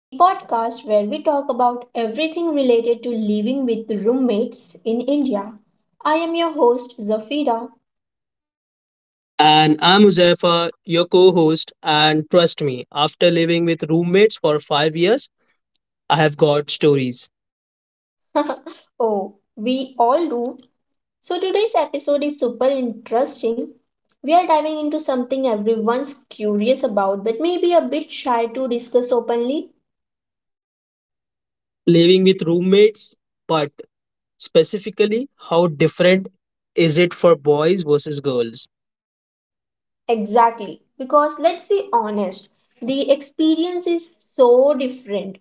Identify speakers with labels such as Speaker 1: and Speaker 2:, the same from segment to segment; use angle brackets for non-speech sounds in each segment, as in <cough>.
Speaker 1: the podcast where we talk about everything related to living with roommates in India. I am your host, Zafira.
Speaker 2: And I'm Uzefa, your co host. And trust me, after living with roommates for 5 years, I have got stories.
Speaker 1: <laughs> Oh, we all do. So today's episode is super interesting. We are diving into something everyone's curious about, but maybe a bit shy to discuss openly.
Speaker 2: Living with roommates, but specifically, how different is it for boys versus girls?
Speaker 1: Exactly, because let's be honest, the experience is so different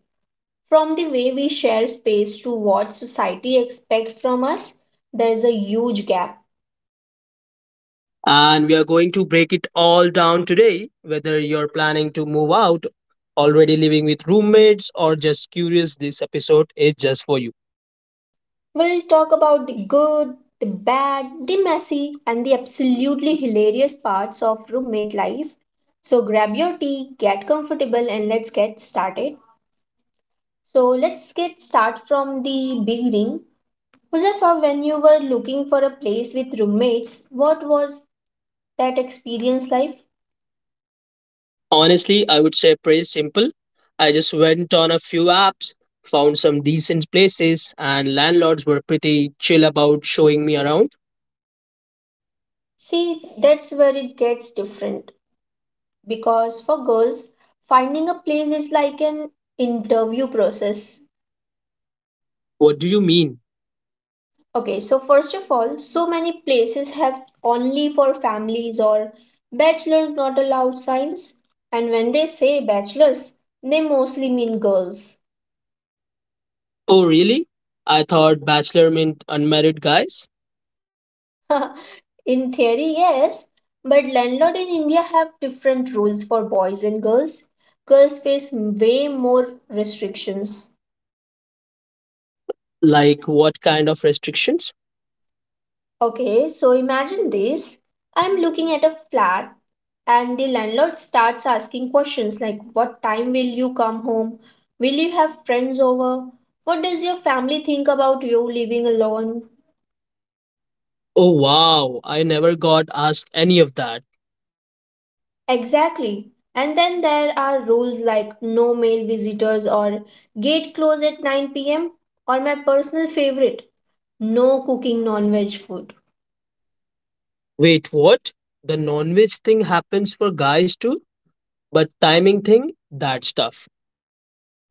Speaker 1: from the way we share space to what society expects from us, there's a huge gap.
Speaker 2: And we are going to break it all down today, whether you're planning to move out, already living with roommates, or just curious, this episode is just for you.
Speaker 1: We'll talk about the good, the bad, the messy, and the absolutely hilarious parts of roommate life. So grab your tea, get comfortable, and let's get started. So let's get start from the beginning. Muzaffar, when you were looking for a place with roommates, what was that experience like?
Speaker 2: Honestly, I would say pretty simple. I just went on a few apps, found some decent places, and landlords were pretty chill about showing me around.
Speaker 1: See, that's where it gets different, because for girls, finding a place is like an interview process.
Speaker 2: What do you mean?
Speaker 1: Okay, so first of all, so many places have only for families or bachelors not allowed signs. And when they say bachelors, they mostly mean girls.
Speaker 2: Oh, really? I thought bachelor meant unmarried guys.
Speaker 1: <laughs> In theory, yes, but landlord in India have different rules for boys and girls. Girls face way more restrictions.
Speaker 2: Like, what kind of restrictions?
Speaker 1: Okay, so imagine this. I'm looking at a flat and the landlord starts asking questions like what time will you come home? Will you have friends over? What does your family think about you living alone?
Speaker 2: Oh, wow. I never got asked any of that.
Speaker 1: Exactly. And then there are rules like no male visitors or gate close at 9 p.m. or my personal favorite, no cooking non-veg food,
Speaker 2: Wait, what? The non veg thing happens for guys too, but timing thing, that's tough.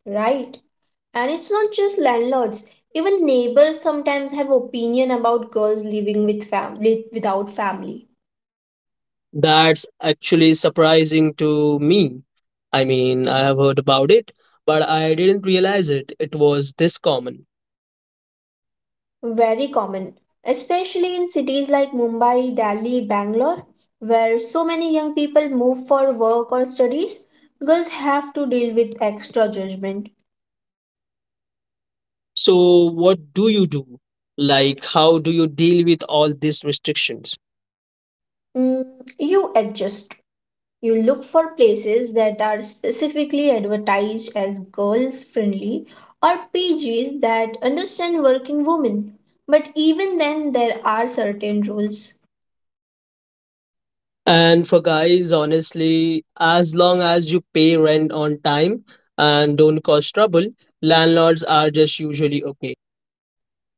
Speaker 1: right? And it's not just landlords. Even neighbors sometimes have opinion about girls living with family without family.
Speaker 2: That's actually surprising to me. I mean, I have heard about it, but I didn't realize it. It was this common.
Speaker 1: Very common, especially in cities like Mumbai, Delhi, Bangalore, where so many young people move for work or studies. Girls have to deal with extra judgment.
Speaker 2: So, what do you do? Like, how do you deal with all these restrictions?
Speaker 1: Mm, you adjust. You look for places that are specifically advertised as girls friendly or pages that understand working women. But even then, there are certain rules.
Speaker 2: And for guys, honestly, as long as you pay rent on time and don't cause trouble, landlords are just usually okay.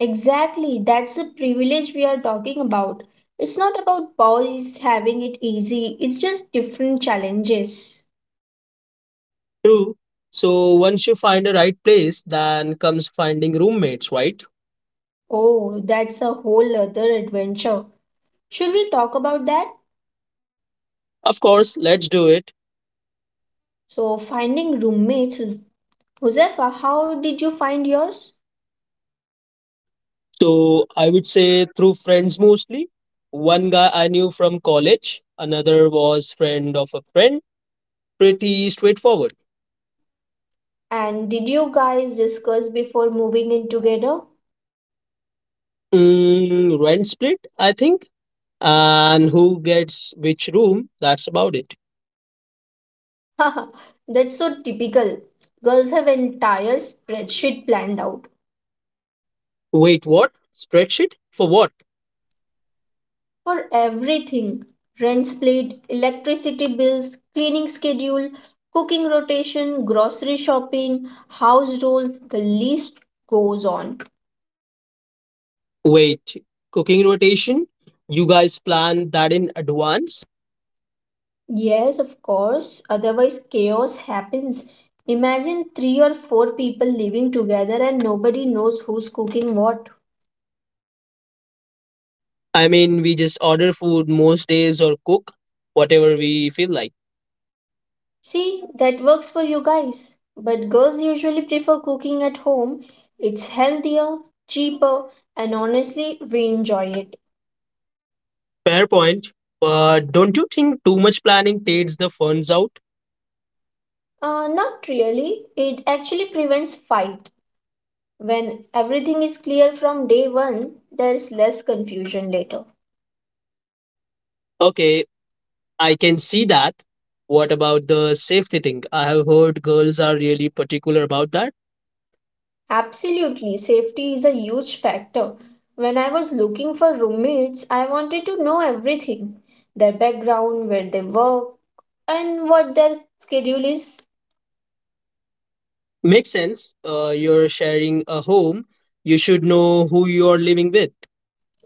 Speaker 1: Exactly, that's the privilege we are talking about. It's not about boys having it easy, it's just different challenges.
Speaker 2: True. So, once you find the right place, then comes finding roommates, right?
Speaker 1: Oh, that's a whole other adventure. Should we talk about that?
Speaker 2: Of course, let's do it.
Speaker 1: So, finding roommates, Josefa, how did you find yours?
Speaker 2: So I would say through friends mostly. One guy I knew from college, another was friend of a friend. Pretty straightforward.
Speaker 1: And did you guys discuss before moving in together?
Speaker 2: Mm, rent split, I think. And who gets which room, that's about it.
Speaker 1: <laughs> That's so typical. Girls have entire spreadsheet planned out
Speaker 2: Wait, what? Spreadsheet? For what?
Speaker 1: for everything, rent split, electricity bills, cleaning schedule, cooking rotation, grocery shopping, house rules, the list goes on.
Speaker 2: Wait, cooking rotation? You guys plan that in advance?
Speaker 1: Yes, of course, otherwise, chaos happens. Imagine three or four people living together and nobody knows who's cooking what.
Speaker 2: I mean, we just order food most days or cook whatever we feel like.
Speaker 1: See, that works for you guys. But girls usually prefer cooking at home. It's healthier, cheaper, and honestly, we enjoy it.
Speaker 2: Fair point. But don't you think too much planning takes the funds out?
Speaker 1: Not really. It actually prevents fight. When everything is clear from day one, there's less confusion later.
Speaker 2: Okay, I can see that. What about the safety thing? I have heard girls are really particular about that.
Speaker 1: Absolutely, safety is a huge factor. When I was looking for roommates, I wanted to know everything, their background, where they work, and what their schedule is.
Speaker 2: Makes sense. You're sharing a home, you should know who you're living with.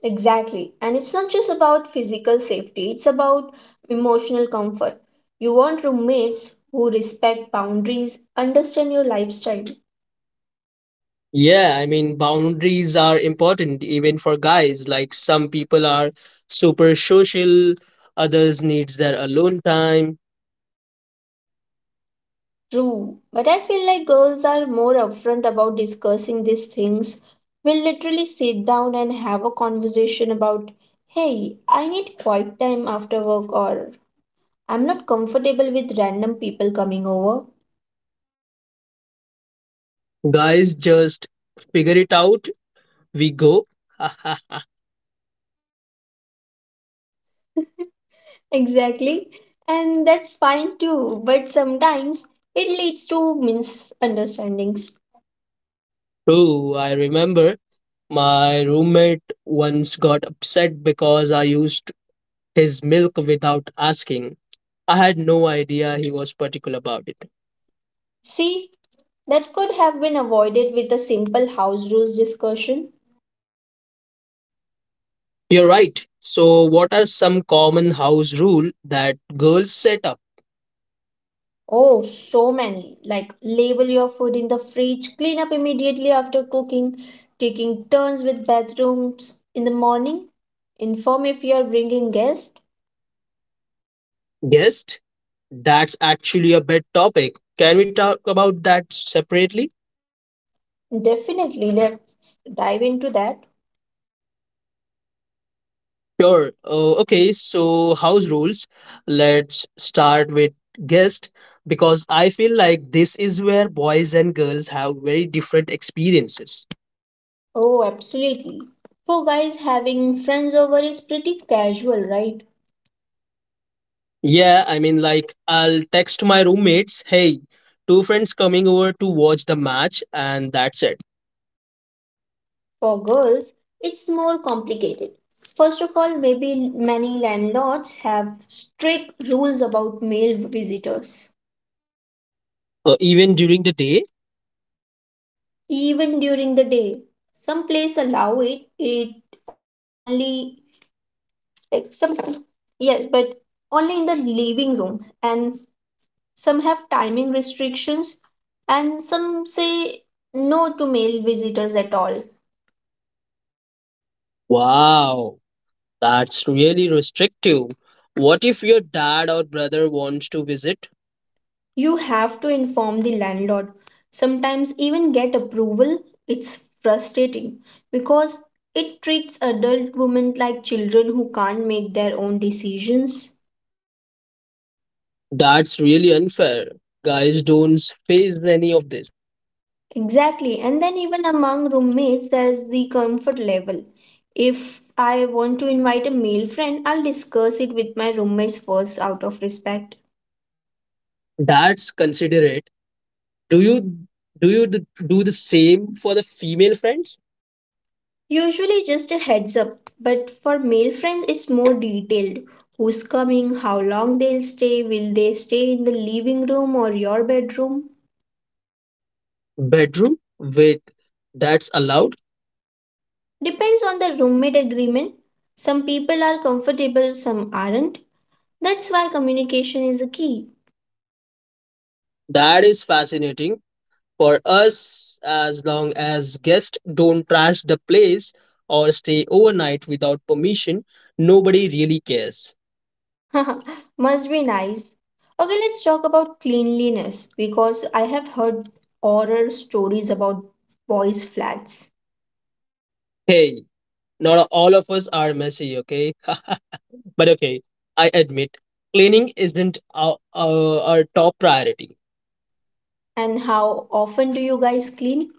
Speaker 1: Exactly. And it's not just about physical safety, it's about emotional comfort. You want roommates who respect boundaries, understand your lifestyle.
Speaker 2: Yeah, I mean, boundaries are important even for guys. Like some people are super social, others needs their alone time.
Speaker 1: True. But I feel like girls are more upfront about discussing these things. We'll literally sit down and have a conversation about, hey, I need quiet time after work, or I'm not comfortable with random people coming over.
Speaker 2: Guys just figure it out. We go. <laughs>
Speaker 1: Exactly. And that's fine too, but sometimes it leads to misunderstandings.
Speaker 2: True, I remember my roommate once got upset because I used his milk without asking. I had no idea he was particular about it.
Speaker 1: See, that could have been avoided with a simple house rules discussion.
Speaker 2: You're right. So, what are some common house rule that girls set up?
Speaker 1: Oh, so many. Like, label your food in the fridge, clean up immediately after cooking, taking turns with bathrooms in the morning, inform if you are bringing guests.
Speaker 2: Guessed? That's actually a bed topic. Can we talk about that separately?
Speaker 1: Definitely, let's dive into that.
Speaker 2: Sure. Okay, so house rules. Let's start with guest because I feel like this is where boys and girls have very different experiences.
Speaker 1: Oh, absolutely. For guys, having friends over is pretty casual, right?
Speaker 2: Yeah, I mean, like, I'll text my roommates, hey, two friends coming over to watch the match, and that's it.
Speaker 1: For girls, it's more complicated. First of all, maybe many landlords have strict rules about male visitors,
Speaker 2: Even during the day?
Speaker 1: even during the day. Some places allow it, it only, like some, yes, but only in the living room, and some have timing restrictions, and some say no to male visitors at all.
Speaker 2: Wow, that's really restrictive. What if your dad or brother wants to visit?
Speaker 1: You have to inform the landlord, sometimes even get approval. It's frustrating because it treats adult women like children who can't make their own decisions.
Speaker 2: That's really unfair. Guys don't face any of this.
Speaker 1: Exactly, and then even among roommates, there's the comfort level. If I want to invite a male friend, I'll discuss it with my roommates first out of respect.
Speaker 2: That's considerate. Do you do the same for the female friends?
Speaker 1: Usually just a heads up, but for male friends it's more detailed. Who's coming, how long they'll stay, will they stay in the living room or your bedroom?
Speaker 2: Bedroom with that's allowed.
Speaker 1: Depends on the roommate agreement. Some people are comfortable, some aren't. That's why communication is a key.
Speaker 2: That is fascinating for us as long as guests don't trash the place or stay overnight without permission. Nobody really cares.
Speaker 1: <laughs> Must be nice. Okay, let's talk about cleanliness because I have heard horror stories about boys' flats.
Speaker 2: Hey, not all of us are messy, okay? <laughs> But okay, I admit cleaning isn't our top priority.
Speaker 1: And how often do you guys clean?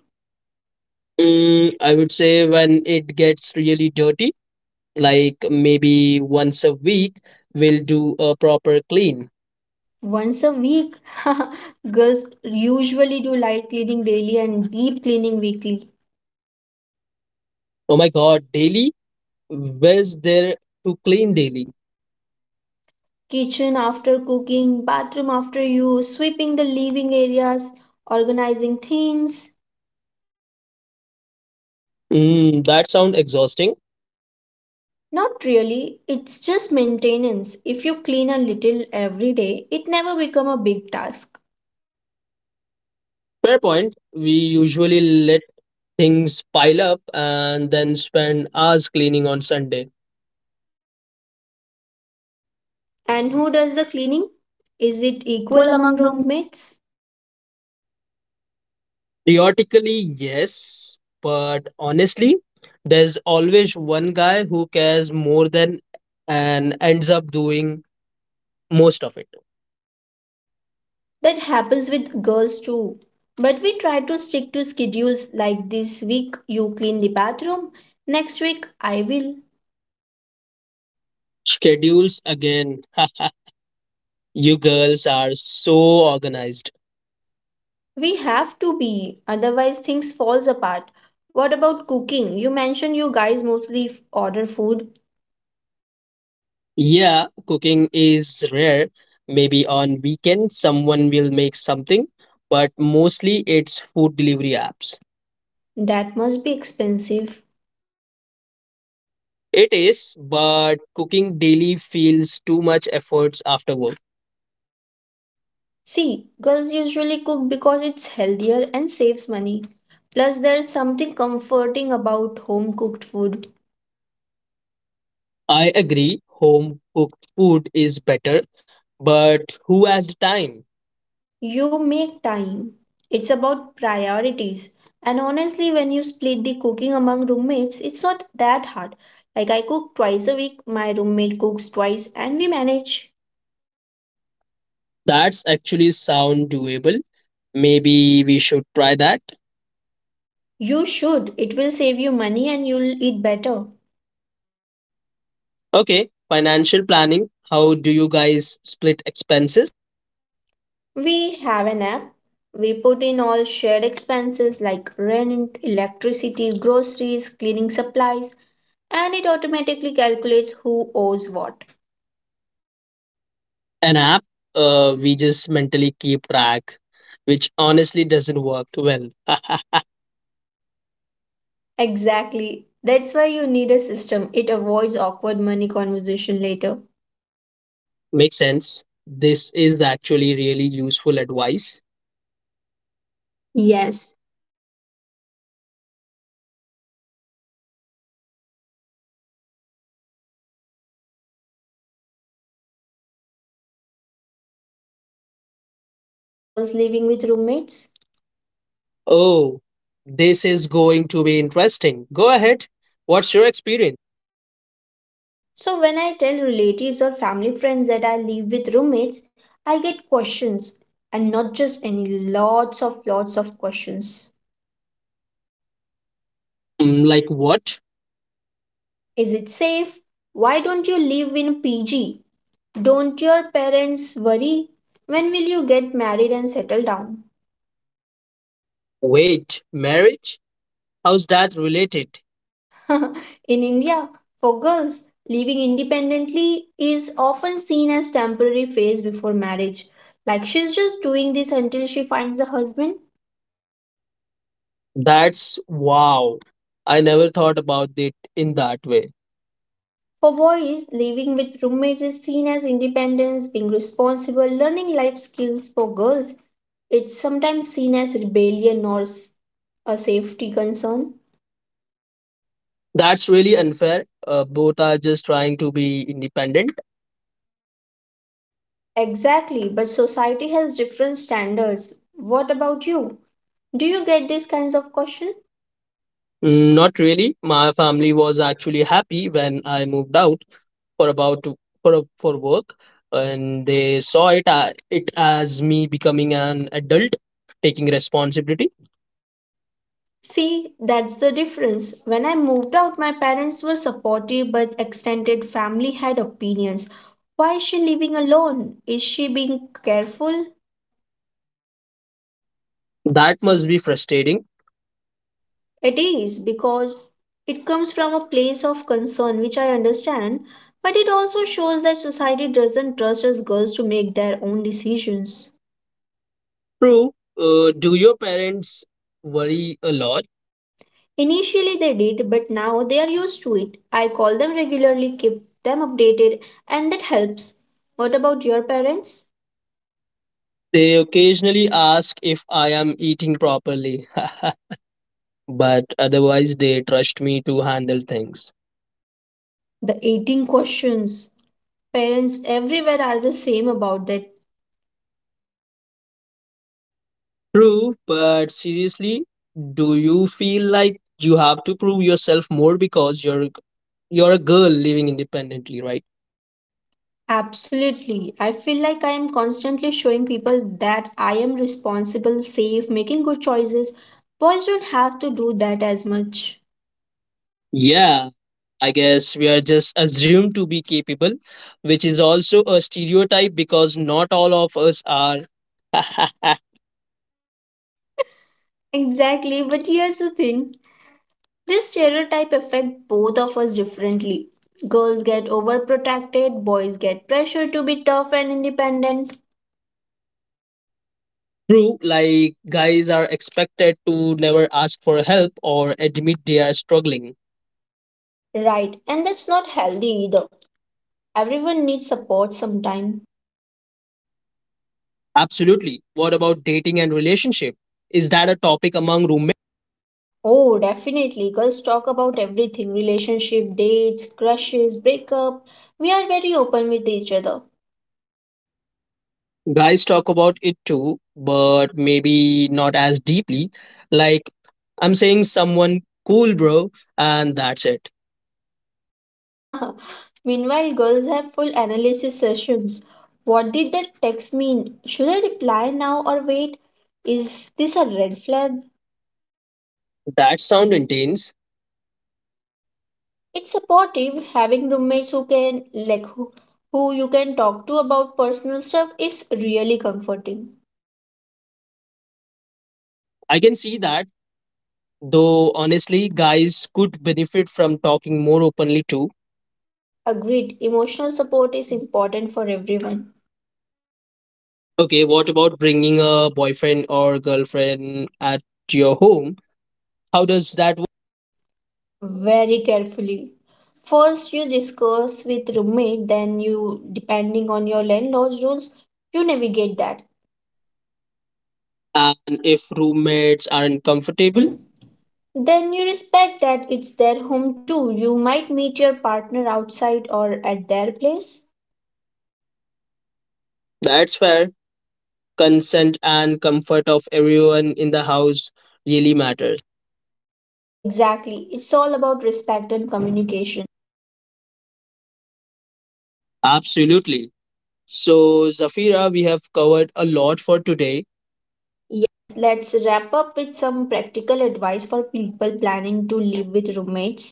Speaker 2: Mm, I would say when it gets really dirty, like maybe once a week, we'll do a proper clean.
Speaker 1: Once a week, <laughs> girls usually do light cleaning daily and deep cleaning weekly.
Speaker 2: Oh my God, daily? Where's there to clean daily?
Speaker 1: Kitchen after cooking, bathroom after use, sweeping the living areas, organizing things.
Speaker 2: Mm, that sounds exhausting.
Speaker 1: Not really, it's just maintenance. If you clean a little every day, it never become a big task.
Speaker 2: Fair point. We usually let things pile up and then spend hours cleaning on Sunday.
Speaker 1: And who does the cleaning? Is
Speaker 2: Is it
Speaker 1: it equal
Speaker 2: equal
Speaker 1: among
Speaker 2: among room?
Speaker 1: roommates?
Speaker 2: Theoretically, yes, but honestly, there's always one guy who cares more than and ends up doing most of it.
Speaker 1: That happens with girls too. But we try to stick to schedules like this week you clean the bathroom, next week I will.
Speaker 2: Schedules again. <laughs> You girls are so organized.
Speaker 1: We have to be, otherwise things falls apart. What about cooking? You mentioned you guys mostly order food.
Speaker 2: Yeah, cooking is rare. Maybe on weekend someone will make something, but mostly it's food delivery apps.
Speaker 1: That must be expensive.
Speaker 2: It is, but cooking daily feels too much efforts after work.
Speaker 1: See, girls usually cook because it's healthier and saves money. Plus there's something comforting about home cooked food.
Speaker 2: I agree, home cooked food is better, but who has the time?
Speaker 1: You make time. It's about priorities. And honestly, when you split the cooking among roommates, it's not that hard. Like I cook twice a week, my roommate cooks twice, and we manage.
Speaker 2: That's actually sound doable. Maybe we should try that.
Speaker 1: You should. It will save you money and you'll eat better.
Speaker 2: Okay, financial planning. How do you guys split expenses?
Speaker 1: We have an app. We put in all shared expenses like rent, electricity, groceries, cleaning supplies, and it automatically calculates who owes what.
Speaker 2: An app, we just mentally keep track, which honestly doesn't work well. <laughs>
Speaker 1: Exactly. That's why you need a system. It avoids awkward money conversation later.
Speaker 2: Makes sense. This is actually really useful advice. Yes.
Speaker 1: And now let's talk about something deeper, like perception of boys versus girls living with roommates.
Speaker 2: Oh, this is going to be interesting. Go ahead. What's your experience?
Speaker 1: So when I tell relatives or family friends that I live with roommates, I get questions, and not just any, lots of questions.
Speaker 2: Mm, like what?
Speaker 1: Is it safe? Why don't you live in PG? Don't your parents worry? When will you get married and settle down?
Speaker 2: Wait, marriage? How's that related?
Speaker 1: <laughs> In India, for girls, living independently is often seen as temporary phase before marriage. Like she's just doing this until she finds a husband.
Speaker 2: That's wow. I never thought about it in that way.
Speaker 1: For boys, living with roommates is seen as independence, being responsible, learning life skills. For girls, it's sometimes seen as rebellion or a safety concern.
Speaker 2: That's really unfair. Both are just trying to be independent.
Speaker 1: Exactly, but society has different standards. What about you? Do you get these kinds of questions?
Speaker 2: Mm, not really. My family was actually happy when I moved out. for about to- for for work, and they saw it it as me becoming an adult, taking responsibility.
Speaker 1: See, that's the difference. When I moved out, my parents were supportive, but extended family had opinions. Why is she living alone? Is she being careful?
Speaker 2: That must be frustrating.
Speaker 1: It is because it comes from a place of concern, which I understand, but it also shows that society doesn't trust us girls to make their own decisions.
Speaker 2: True. Do your parents worry a lot?
Speaker 1: Initially they did, but now they are used to it. I call them regularly, keep them updated, and that helps. What about your parents?
Speaker 2: They occasionally ask if I am eating properly. <laughs> But otherwise they trust me to handle things.
Speaker 1: The 18 questions. Parents everywhere are the same about that.
Speaker 2: True, but seriously, do you feel like you have to prove yourself more because you're a girl living independently, right?
Speaker 1: Absolutely. I feel like I am constantly showing people that I am responsible, safe, making good choices. Boys don't have to do that as much.
Speaker 2: Yeah, I guess we are just assumed to be capable, which is also a stereotype because not all of us are. <laughs>
Speaker 1: Exactly, but here's the thing. This stereotype affects both of us differently. Girls get overprotected, boys get pressure to be tough and independent.
Speaker 2: True, like guys are expected to never ask for help or admit they are struggling.
Speaker 1: Right, and that's not healthy either. Everyone needs support sometime.
Speaker 2: Absolutely. What about dating and relationship? Is that a topic among roommates?
Speaker 1: Oh, definitely. Girls talk about everything, relationship, dates, crushes, breakup. We are very open with each other.
Speaker 2: Guys talk about it too, but maybe not as deeply. Like, I'm saying someone cool, bro, and that's it.
Speaker 1: <laughs> Meanwhile, girls have full analysis sessions. What did that text mean? Should I reply now or wait? Is this a red flag?
Speaker 2: That sound intense.
Speaker 1: It's supportive having roommates who who you can talk to about personal stuff is really comforting.
Speaker 2: I can see that. Though honestly, guys could benefit from talking more openly too.
Speaker 1: Agreed, emotional support is important for everyone.
Speaker 2: Okay, what about bringing a boyfriend or girlfriend at your home? How does that work?
Speaker 1: Very carefully. First you discuss with roommate, then you depending on your landlord's rules, you navigate that.
Speaker 2: And if roommates aren't comfortable?
Speaker 1: Then you respect that it's their home too. You might meet your partner outside or at their place.
Speaker 2: That's where consent and comfort of everyone in the house really matters.
Speaker 1: Exactly. It's all about respect and communication.
Speaker 2: Absolutely. So, Zafira, we have covered a lot for today.
Speaker 1: Yes, let's wrap up with some practical advice for people planning to live with roommates.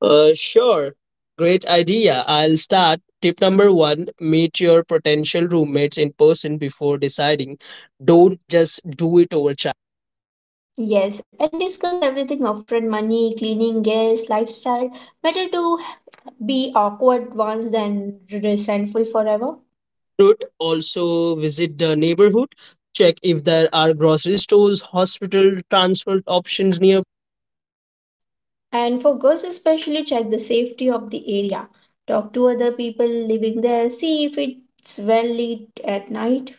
Speaker 2: Sure. Great idea. I'll start. Tip number one, meet your potential roommates in person before deciding. Don't just do it over chat.
Speaker 1: Yes, and discuss everything upfront, money, cleaning, gas, lifestyle. Better to be awkward once than resentful forever.
Speaker 2: Should also, visit the neighborhood. Check if there are grocery stores, hospital transport options near.
Speaker 1: And for girls, especially, check the safety of the area. Talk to other people living there, see if it's well lit at night,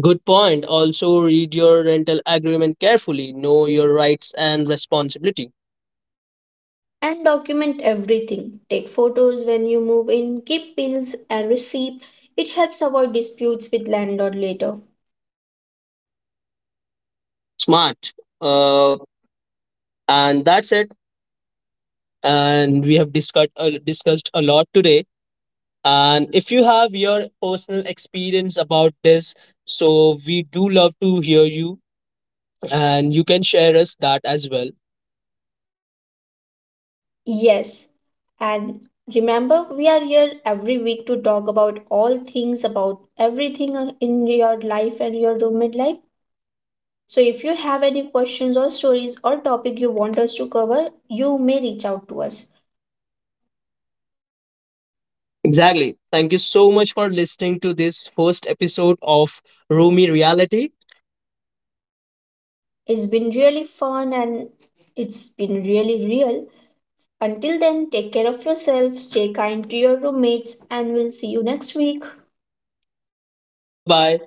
Speaker 2: Good point. Also, read your rental agreement carefully. Know your rights and responsibility.
Speaker 1: and document everything. Take photos when you move in, keep bills and receipt. It helps avoid disputes with landlord later.
Speaker 2: Smart. Uh, and that's it. And we have discussed a lot today. And if you have your personal experience about this, so we do love to hear you and you can share us that as well.
Speaker 1: Yes, and remember we are here every week to talk about all things about everything in your life and your roommate life. So if you have any questions or stories or topic you want us to cover, you may reach out to us.
Speaker 2: Exactly. Thank you so much for listening to this first episode of Roomy Reality.
Speaker 1: It's been really fun and it's been really real. Until then, take care of yourself, stay kind to your roommates, and we'll see you next week.
Speaker 2: Bye bye.